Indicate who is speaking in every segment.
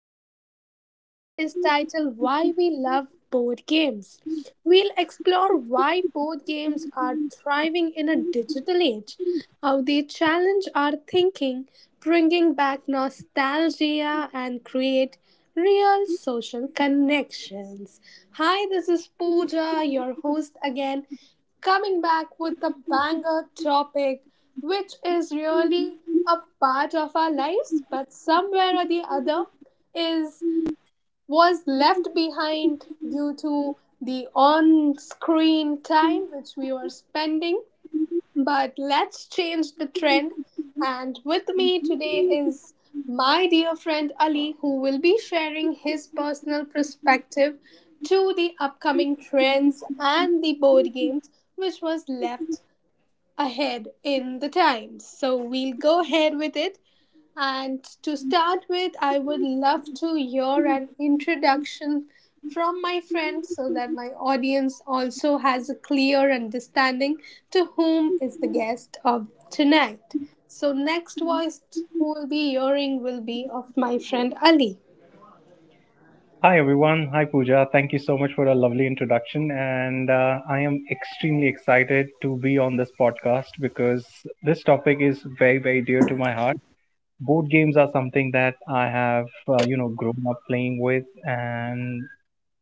Speaker 1: Today's episode is titled Why We Love Board Games. We'll explore why board games are thriving in a digital age, how they challenge our thinking, bringing back nostalgia, and create real social connections. Hi, this is Pooja, your host again, coming back with a banger topic, which is really a part of our lives, but somewhere or the other is was left behind due to the on-screen time which we were spending, but let's change the trend. And with me today is my dear friend Ali, who will be sharing his personal perspective to the upcoming trends and the board games which was left ahead in the times. So we'll go ahead with it. And to start with, I would love to hear an introduction from my friend so that my audience also has a clear understanding to whom is the guest of tonight. So, next voice who will be hearing will be of my friend Ali.
Speaker 2: Hi, everyone. Hi, Pooja. Thank you so much for a lovely introduction. And I am extremely excited to be on this podcast because this topic is very, very dear to my heart. Board games are something that I have, grown up playing with. And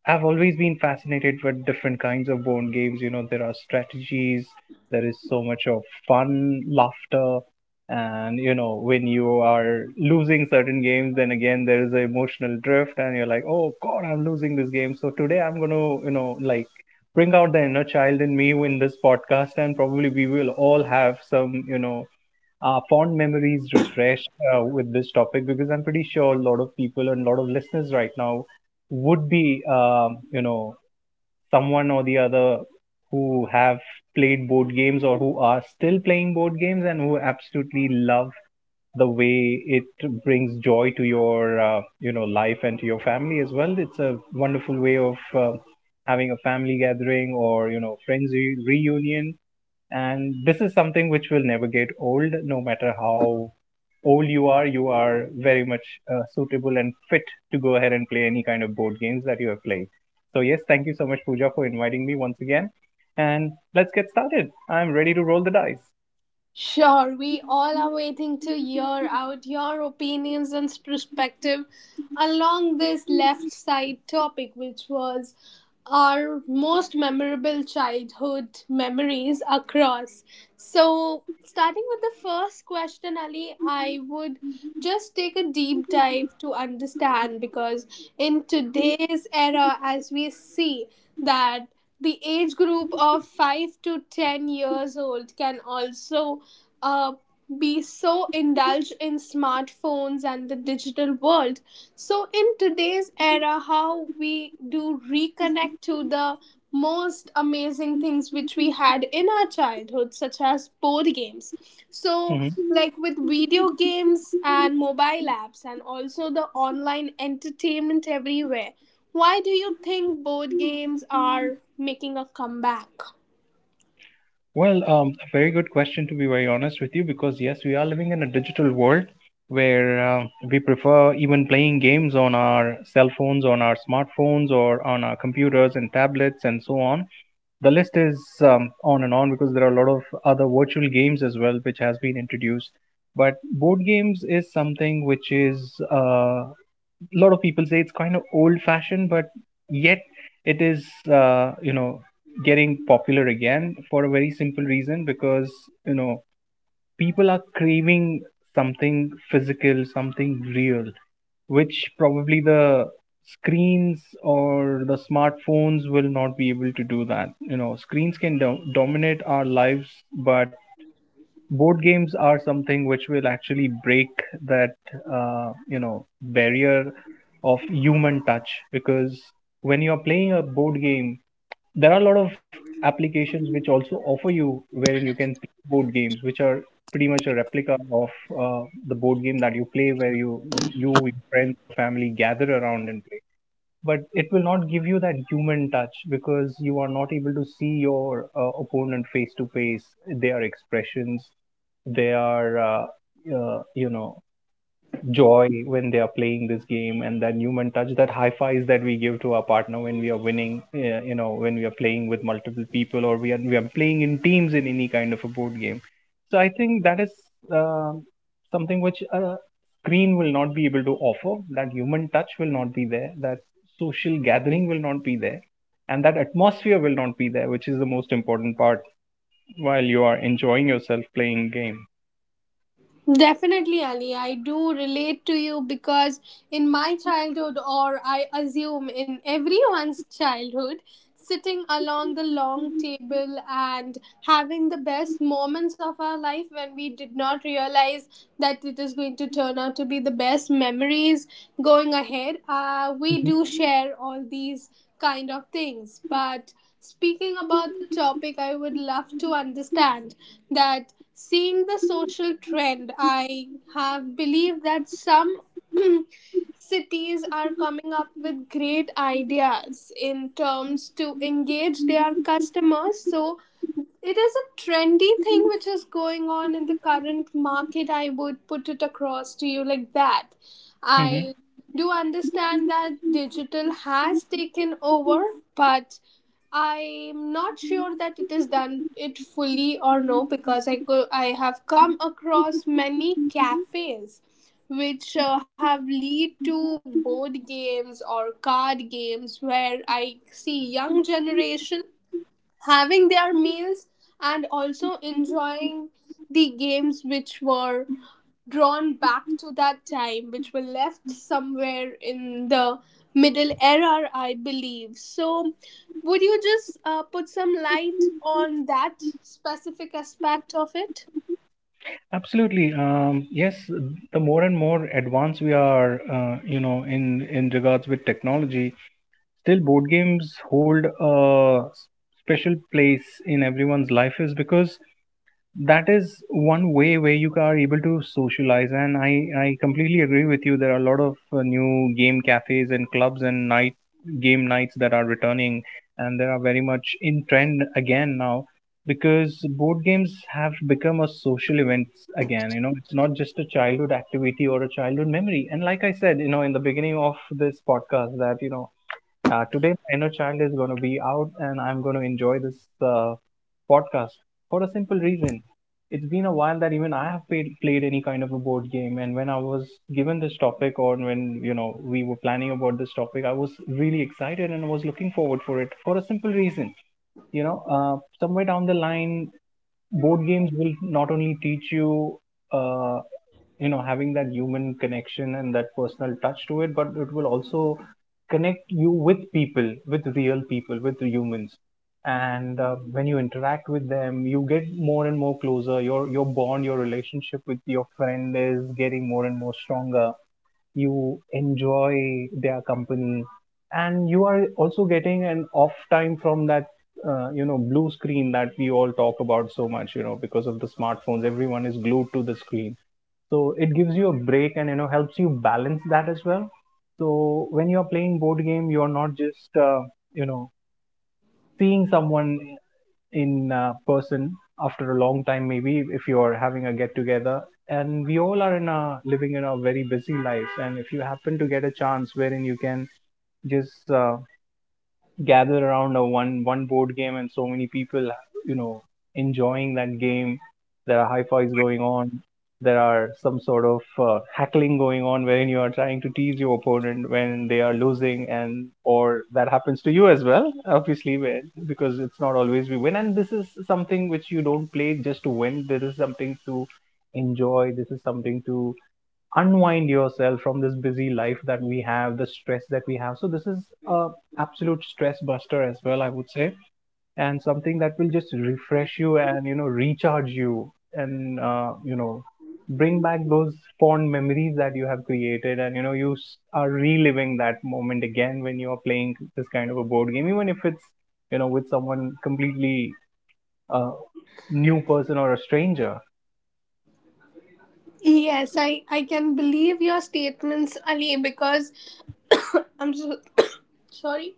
Speaker 2: I've always been fascinated with different kinds of board games. You know, there are strategies, there is so much of fun, laughter, and when you are losing certain games, then again there is an emotional drift, and you're like, oh god, I'm losing this game. So today I'm gonna, bring out the inner child in me in this podcast, and probably we will all have some, fond memories refreshed with this topic because I'm pretty sure a lot of people and a lot of listeners right now would be, someone or the other who have played board games or who are still playing board games and who absolutely love the way it brings joy to your, life and to your family as well. It's a wonderful way of having a family gathering or, friends reunion. And this is something which will never get old. No matter how old you are very much suitable and fit to go ahead and play any kind of board games that you have played. So, yes, thank you so much, Pooja, for inviting me once again. And let's get started. I'm ready to roll the dice.
Speaker 1: Sure, we all are waiting to hear out your opinions and perspective along this left side topic, which was our most memorable childhood memories across. So, starting with the first question, Ali, I would just take a deep dive to understand because in today's era, as we see that the age group of 5 to 10 years old can also uh, be so indulged in smartphones and the digital world. So, in today's era, how we do reconnect to the most amazing things which we had in our childhood, such as board games. So,
Speaker 2: Hmm.
Speaker 1: like with video games and mobile apps, and also the online entertainment everywhere, why do you think board games are making a comeback?
Speaker 2: Well, a very good question, to be very honest with you, because yes, we are living in a digital world where we prefer even playing games on our cell phones, on our smartphones, or on our computers and tablets and so on. The list is on and on because there are a lot of other virtual games as well which has been introduced, but board games is something which is, a lot of people say, it's kind of old fashioned, but yet it is, uh, you know getting popular again for a very simple reason, because you know people are craving something physical, something real, which probably the screens or the smartphones will not be able to do that. You know, screens can dominate our lives, but board games are something which will actually break that barrier of human touch. Because when you are playing a board game, there are a lot of applications which also offer you wherein you can play board games which are pretty much a replica of the board game that you play where you your friends, family gather around and play, but it will not give you that human touch because you are not able to see your opponent face to face, their expressions, their uh, you know joy when they are playing this game, and that human touch, that high fives that we give to our partner when we are winning. Yeah, you know, when we are playing with multiple people or we are playing in teams in any kind of a board game, so I think that is um something which a screen will not be able to offer. That human touch will not be there, that social gathering will not be there, and that atmosphere will not be there, which is the most important part while you are enjoying yourself playing game.
Speaker 1: Definitely, Ali. I do relate to you because in my childhood, or I assume in everyone's childhood, sitting along the long table and having the best moments of our life when we did not realize that it is going to turn out to be the best memories going ahead, we do share all these kind of things. But speaking about the topic, I would love to understand that seeing the social trend, I have believed that some cities are coming up with great ideas in terms to engage their customers, so it is a trendy thing which is going on in the current market. I would put it across to you like that.
Speaker 2: Mhm.
Speaker 1: I do understand that digital has taken over, but I'm not sure that it is done it fully or no, because I have come across many cafes which have lead to board games or card games where I see young generation having their meals and also enjoying the games which were drawn back to that time, which were left somewhere in the middle era, I believe. So would you just put some light on that specific aspect of it?
Speaker 2: Absolutely. Yes, the more and more advanced we are, in regards with technology, still board games hold a special place in everyone's life. Is because that is one way where you are able to socialize, and I completely agree with you, there are a lot of new game cafes and clubs and night game nights that are returning, and they are very much in trend again now because board games have become a social event again. You know, it's not just a childhood activity or a childhood memory. And like I said, you know, in the beginning of this podcast, that today, my inner child is going to be out and I'm going to enjoy this uh, podcast for a simple reason. It's been a while that even I have played any kind of a board game. And when I was given this topic, or when you know we were planning about this topic, I was really excited and was looking forward for it for a simple reason. You know, uh, somewhere down the line, board games will not only teach you uh, you know having that human connection and that personal touch to it, but it will also connect you with people, with real people, with humans. And when you interact with them, you get more and more closer, your bond, your relationship with your friend is getting more and more stronger, you enjoy their company, and you are also getting an off time from that, blue screen that we all talk about so much, you know, because of the smartphones everyone is glued to the screen. So it gives you a break and, you know, helps you balance that as well. So when you're playing board game, you're not just you know seeing someone in, person after a long time. Maybe if you are having a get together, and we all are in a living in a very busy lives, and if you happen to get a chance wherein you can just gather around a one board game, and so many people, you know, enjoying that game, there are high fives going on, there are some sort of hackling going on wherein you are trying to tease your opponent when they are losing, and or that happens to you as well obviously, because it's not always we win. And this is something which you don't play just to win. This is something to enjoy, this is something to unwind yourself from this busy life that we have, the stress that we have. So this is a absolute stress buster as well, I would say, and something that will just refresh you and, you know, recharge you, and bring back those fond memories that you have created. And you know are reliving that moment again when you are playing this kind of a board game, even if it's, you know, with someone completely uh, new person or a stranger.
Speaker 1: Yes, I can believe your statements, Ali, because I'm so sorry,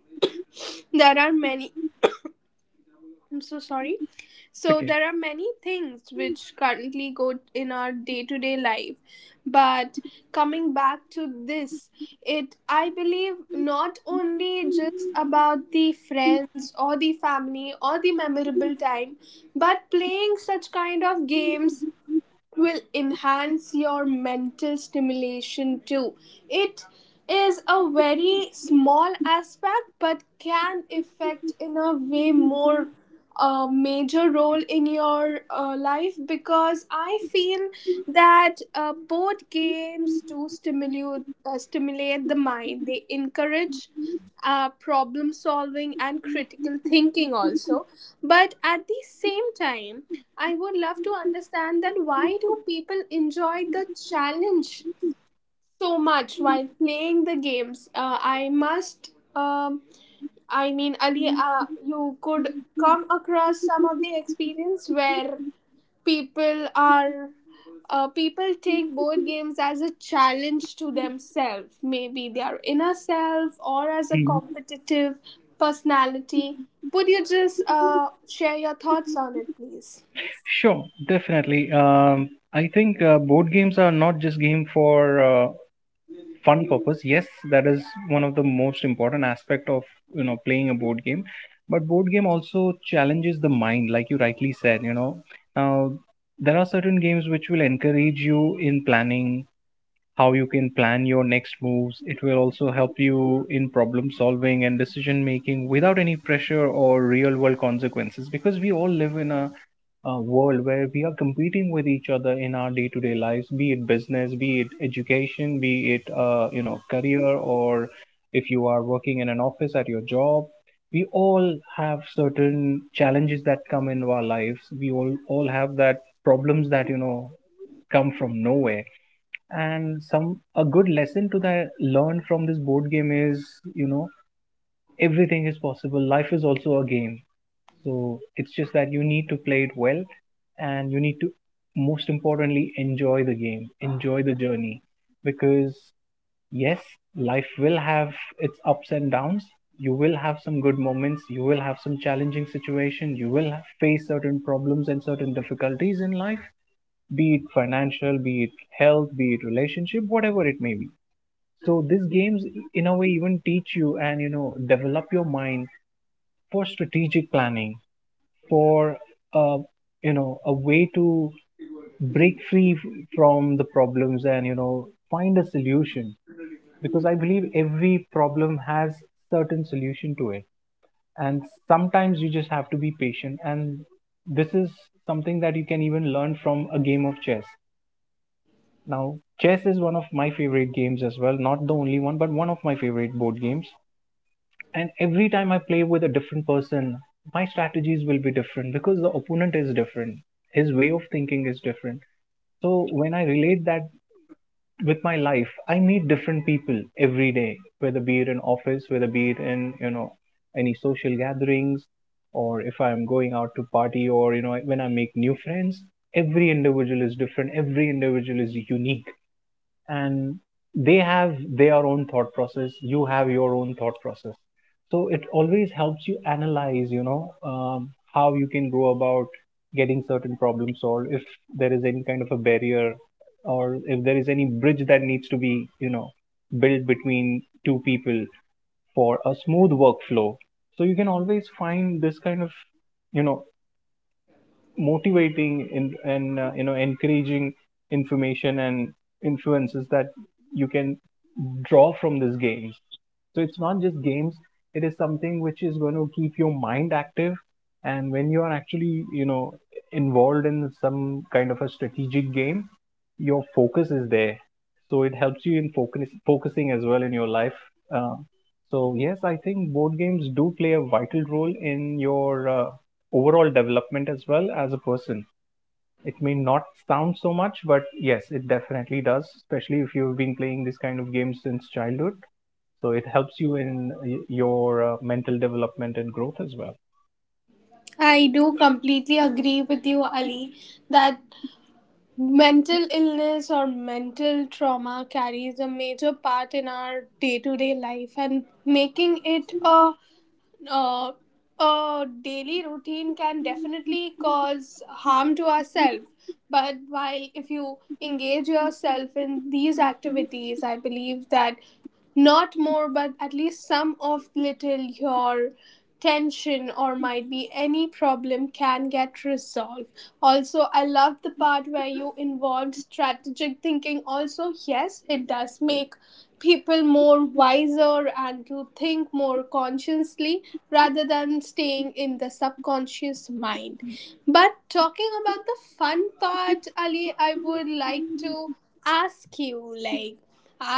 Speaker 1: there are many. I'm so sorry. So
Speaker 2: Okay.
Speaker 1: there are many things which currently go in our day-to-day life, but coming back to this, it I believe not only just about the friends or the family or the memorable time, but playing such kind of games will enhance your mental stimulation too. It is a very small aspect but can affect in a way more major role in your life, because I feel that both games do stimulate the mind. They encourage problem solving and critical thinking also, but at the same time I would love to understand that why do people enjoy the challenge so much while playing the games. I mean, Ali, you could come across some of the experience where people are people take board games as a challenge to themselves, maybe their inner self or as a competitive personality. Would you just share your thoughts on it, please?
Speaker 2: Sure, definitely. I think board games are not just game for fun purpose. Yes, that is one of the most important aspect of, you know, playing a board game. But board game also challenges the mind, like you rightly said. You know, now there are certain games which will encourage you in planning how you can plan your next moves. It will also help you in problem solving and decision making without any pressure or real world consequences, because we all live in a world where we are competing with each other in our day-to-day lives, be it business, be it education, be it, career, or if you are working in an office at your job. We all have certain challenges that come in our lives. We all have that problems that, you know, come from nowhere. And some a good lesson to that learn from this board game is, you know, everything is possible. Life is also a game, so it's just that you need to play it well, and you need to, most importantly, enjoy the game, enjoy the journey. Because, yes, life will have its ups and downs. You will have some good moments. You will have some challenging situation. You will face certain problems and certain difficulties in life, be it financial, be it health, be it relationship, whatever it may be. So these games, in a way, even teach you and, you know, develop your mind for strategic planning, for uh, a way to break free from the problems and, you know, find a solution. Because I believe every problem has certain solution to it. And sometimes you just have to be patient. And this is something that you can even learn from a game of chess. Now chess is one of my favorite games as well, not the only one, but one of my favorite board games. And every time I play with a different person, my strategies will be different because the opponent is different. His way of thinking is different. So when I relate that with my life, I meet different people every day, whether be it in office, whether be it in, you know, any social gatherings, or if I'm going out to party, or, you know, when I make new friends. Every individual is different. Every individual is unique, and they have their own thought process. You have your own thought process, so it always helps you analyze, how you can go about getting certain problems solved if there is any kind of a barrier, or if there is any bridge that needs to be, built between two people for a smooth workflow. So you can always find this kind of, you know motivating and encouraging information and influences that you can draw from these games. So it's not just games, it is something which is going to keep your mind active. And when you are actually, you know, involved in some kind of a strategic game, your focus is there. So it helps you in focusing as well in your life. Uh, so yes, I think board games do play a vital role in your overall development as well as a person. It may not sound so much, but yes, it definitely does, especially if you've been playing this kind of game since childhood. So it helps you in your mental development and growth as well.
Speaker 1: I do completely agree with you, Ali, that mental illness or mental trauma carries a major part in our day-to-day life, and making it uh, a daily routine can definitely cause harm to ourselves. But while if you engage yourself in these activities, I believe that not more but at least some of little your tension or might be any problem can get resolved. Also, I love the part where you involved strategic thinking. Also, yes, it does make people more wiser and to think more consciously rather than staying in the subconscious mind. But talking about the fun part, Ali, I would like to ask you like,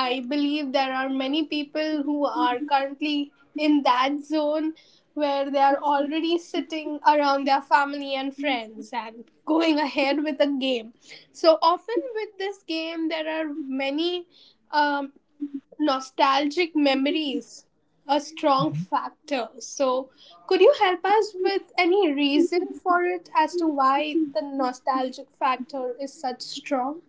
Speaker 1: I believe there are many people who are currently in that zone where they are already sitting around their family and friends and going ahead with a game. So often with this game, there are many um, nostalgic memories, a strong factor. So, could you help us with any reason for it as to why the nostalgic factor is such strong?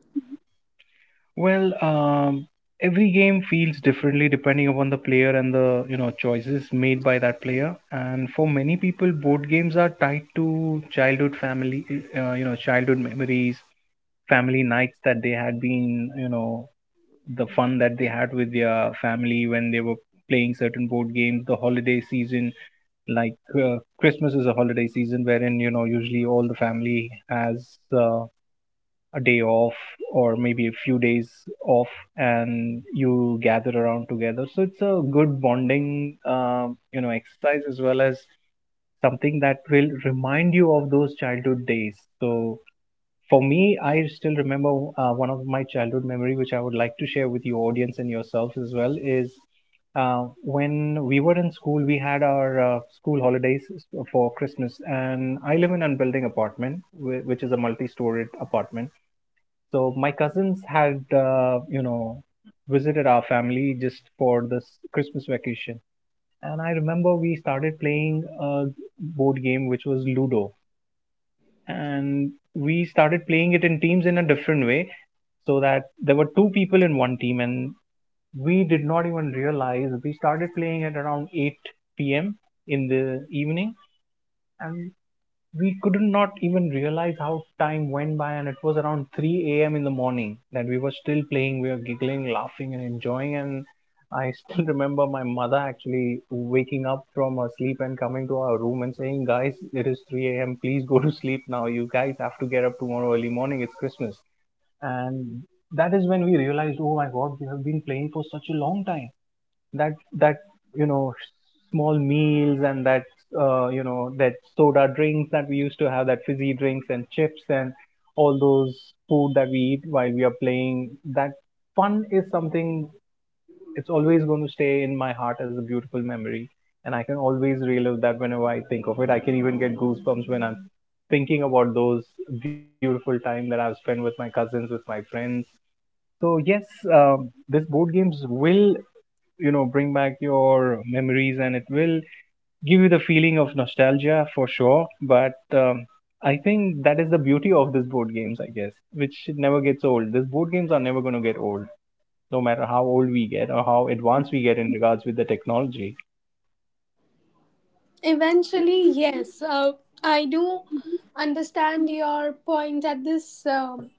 Speaker 2: Well, um, every game feels differently depending upon the player and the, you know, choices made by that player. And for many people, board games are tied to childhood family, you know, childhood memories, family nights that they had been, you know, the fun that they had with their family when they were playing certain board games, the holiday season. Like Christmas is a holiday season wherein, you know, usually all the family has uh, a day off, or maybe a few days off, and you gather around together. So it's a good bonding you know exercise, as well as something that will remind you of those childhood days. So for me, I still remember one of my childhood memory, which I would like to share with your audience and yourself as well, is when we were in school, we had our school holidays for Christmas, and I live in an building apartment, which is a multi-storied apartment. So my cousins had, you know, visited our family just for this Christmas vacation, and I remember we started playing a board game which was Ludo, and we started playing it in teams in a different way, so that there were two people in one team, and we did not even realize we started playing at around 8 p.m. in the evening, and we couldn't not even realize how time went by, and it was around 3 a.m. in the morning that we were still playing. We were giggling, laughing and enjoying, and I still remember my mother actually waking up from her sleep and coming to our room and saying, "Guys, it is 3 a.m. Please go to sleep now. You guys have to get up tomorrow early morning. It's Christmas." And that is when we realized, oh my god, we have been playing for such a long time. That that you know small meals, and that you know that soda drinks that we used to have, that fizzy drinks and chips, and all those food that we eat while we are playing, that fun is something, it's always going to stay in my heart as a beautiful memory. And I can always relive that. Whenever I think of it, I can even get goosebumps when I'm thinking about those beautiful time that I've spent with my cousins, with my friends. So yes, this board games will, you know, bring back your memories, and it will give you the feeling of nostalgia for sure. But um, I think that is the beauty of these board games, I guess, which never gets old. These board games are never going to get old, no matter how old we get or how advanced we get in regards with the technology.
Speaker 1: Eventually, yes. I do understand your point at this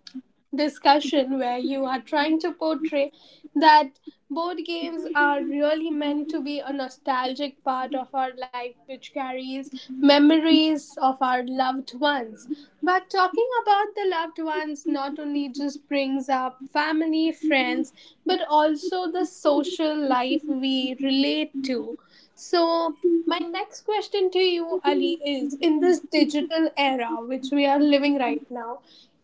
Speaker 1: discussion where you are trying to portray that board games are really meant to be a nostalgic part of our life which carries memories of our loved ones. But talking about the loved ones not only just brings up family, friends, but also the social life we relate to. So, my next question to you, Ali, is in this digital era which we are living right now,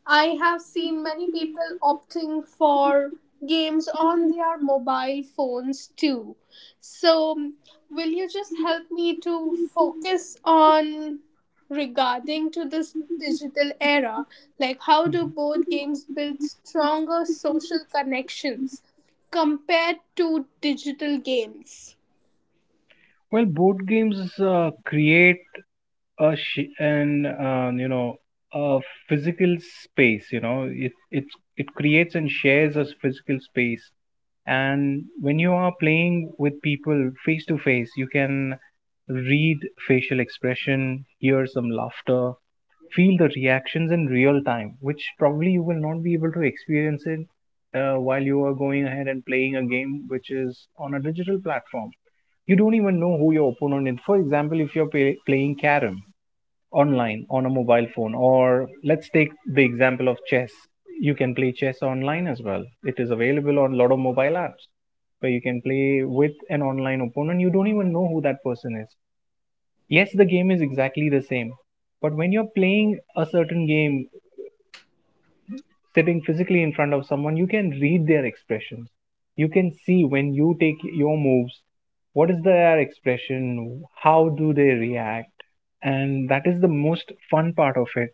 Speaker 1: I have seen many people opting for games on their mobile phones too. So, will you just help me to focus on regarding to this digital era, like how do
Speaker 2: Mhm.
Speaker 1: board games build stronger social connections compared to digital games?
Speaker 2: Well, board games create a sh- and you know a physical space. You know, it creates and shares a physical space, and when you are playing with people face to face, you can read facial expression, hear some laughter, feel the reactions in real time, which probably you will not be able to experience it while you are going ahead and playing a game which is on a digital platform. You don't even know who your opponent is. For example, if you're playing carom online on a mobile phone, or let's take the example of chess. You can play chess online as well. It is available on a lot of mobile apps where you can play with an online opponent. You don't even know who that person is. Yes, the game is exactly the same, but when you're playing a certain game sitting physically in front of someone, you can read their expressions. You can see when you take your moves, what is their expression, how do they react, and that is the most fun part of it.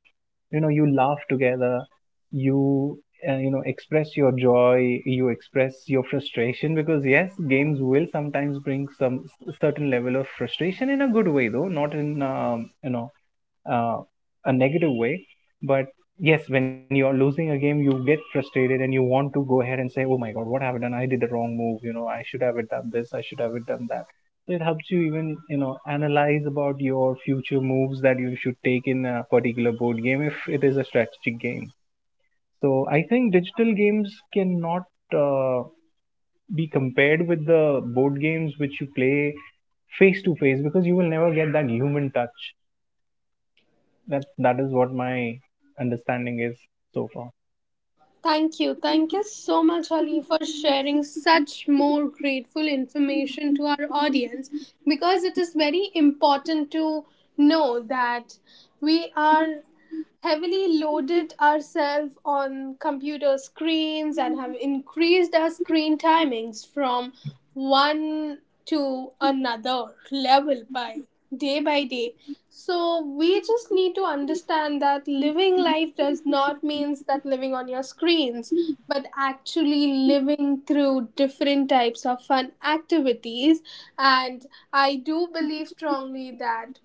Speaker 2: You know, you laugh together, you you know express your joy, you express your frustration, because yes, games will sometimes bring some certain level of frustration in a good way though, not in, uh, a negative way. But yes, when you're losing a game, you get frustrated and you want to go ahead and say, oh my god, what have I done, I did the wrong move, you know, I should have done this, I should have done that. So it helps you even, you know, analyze about your future moves that you should take in a particular board game if it is a strategic game. So I think digital games cannot uh, be compared with the board games which you play face to face, because you will never get that human touch. That is what my understanding is so far.
Speaker 1: Thank you. Thank you so much, Ali, for sharing such more grateful information to our audience, because it is very important to know that we are heavily loaded ourselves on computer screens and have increased our screen timings from one to another level by day by day. So we just need to understand that living life does not means that living on your screens, but actually living through different types of fun activities. And I do believe strongly that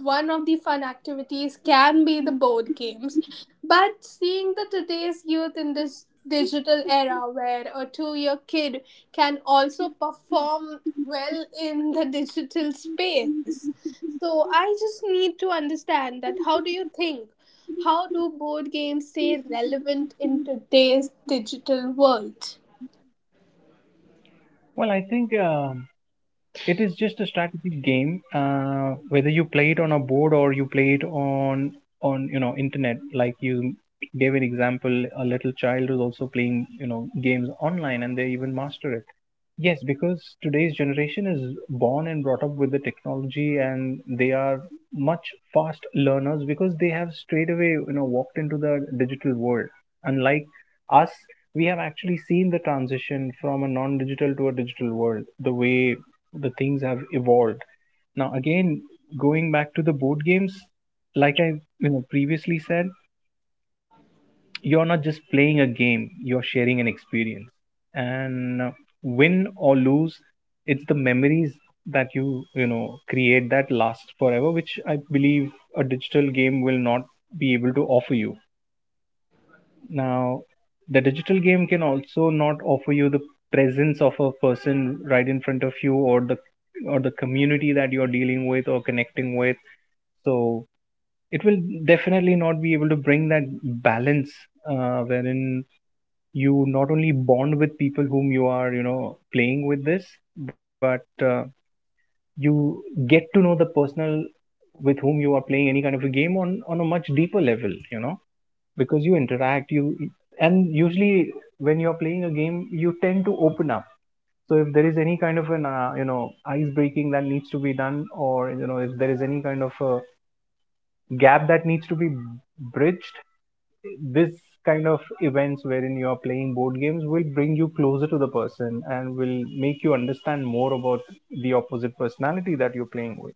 Speaker 1: one of the fun activities can be the board games. But seeing the today's youth in this digital era where a 2 year kid can also perform well in the digital space. So I just need to understand that how do you think? How do board games stay relevant in today's digital world?
Speaker 2: Well, I think It is just a strategy game. Whether you play it on a board or you play it on you know internet, like you gave an example, a little child who's also playing, you know, games online, and they even master it. Yes, because today's generation is born and brought up with the technology, and they are much fast learners because they have straight away, you know, walked into the digital world. Unlike us, we have actually seen the transition from a non-digital to a digital world, the way the things have evolved. Now, again, going back to the board games, like I, you know, previously said, you're not just playing a game, you're sharing an experience, and win or lose, it's the memories that you know, create that last forever, which I believe a digital game will not be able to offer you. Now, the digital game can also not offer you the presence of a person right in front of you, or the community that you're dealing with or connecting with. So it will definitely not be able to bring that balance, wherein you not only bond with people whom you are, you know, playing with this, but you get to know the personal with whom you are playing any kind of a game on a much deeper level, you know, because you interact you, and usually when you are playing a game, you tend to open up. So if there is any kind of an you know ice breaking that needs to be done, or you know, if there is any kind of a gap that needs to be bridged, this kind of events wherein you are playing board games will bring you closer to the person and will make you understand more about the opposite personality that you're playing with.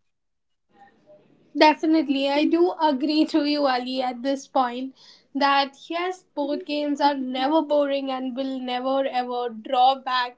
Speaker 1: Definitely, I do agree to you, Ali, at this point that yes, board games are never boring and will never ever draw back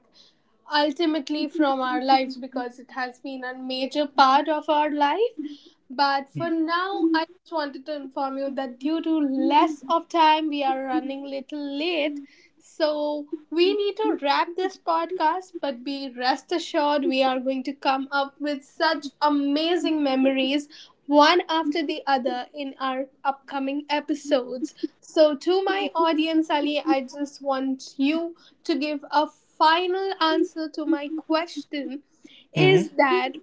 Speaker 1: ultimately from our lives because it has been a major part of our life. But for now, I just wanted to inform you that due to less of time, we are running little late. So we need to wrap this podcast, but be rest assured we are going to come up with such amazing memories one after the other in our upcoming episodes. So to my audience, Ali, I just want you to give a final answer to my question
Speaker 2: Mm-hmm.
Speaker 1: is that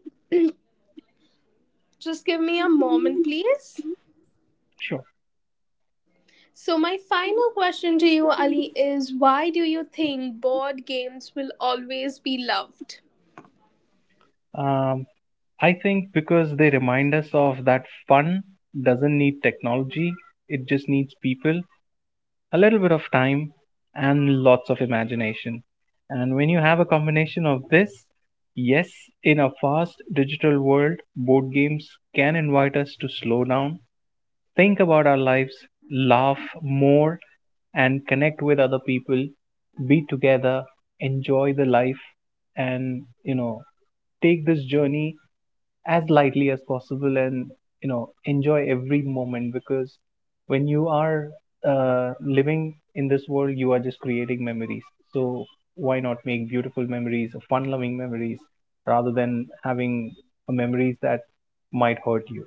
Speaker 1: just give me a moment, please.
Speaker 2: Sure.
Speaker 1: So, my final question to you, Ali, is why do you think board games will always be loved?
Speaker 2: Um, I think because they remind us of that fun doesn't need technology, it just needs people, a little bit of time, and lots of imagination. And when you have a combination of this, yes, in a fast digital world, board games can invite us to slow down, think about our lives, laugh more, and connect with other people, be together, enjoy the life, and, you know, take this journey as lightly as possible, and, you know, enjoy every moment. Because when you are living in this world, you are just creating memories. So why not make beautiful memories, fun loving memories, rather than having memories that might hurt you?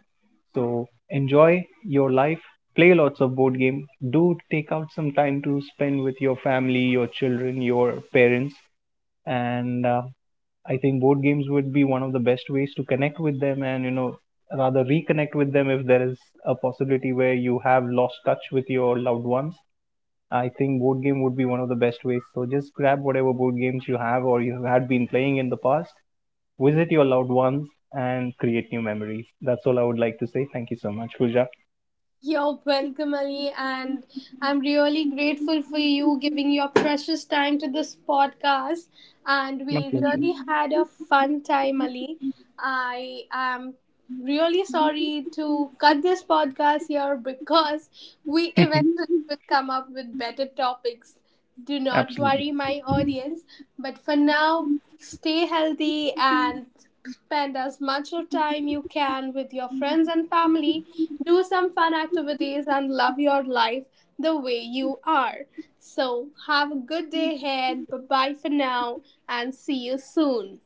Speaker 2: So enjoy your life, play lots of board game, do take out some time to spend with your family, your children, your parents, and I think board games would be one of the best ways to connect with them, and, you know, rather reconnect with them if there is a possibility where you have lost touch with your loved ones. I think board game would be one of the best ways. So just grab whatever board games you have or you had been playing in the past, visit your loved ones, and create new memories. That's all I would like to say. Thank you so much, Pooja.
Speaker 1: You're welcome, Ali, and I'm really grateful for you giving your precious time to this podcast. And
Speaker 2: My
Speaker 1: we
Speaker 2: pleasure.
Speaker 1: really had a fun time, Ali. I am really sorry to cut this podcast here because we eventually will come up with better topics. Do not
Speaker 2: Absolutely.
Speaker 1: worry, my audience. But for now, stay healthy and spend as much of time you can with your friends and family. Do some fun activities and love your life the way you are. So, have a good day ahead. Bye bye for now and see you soon.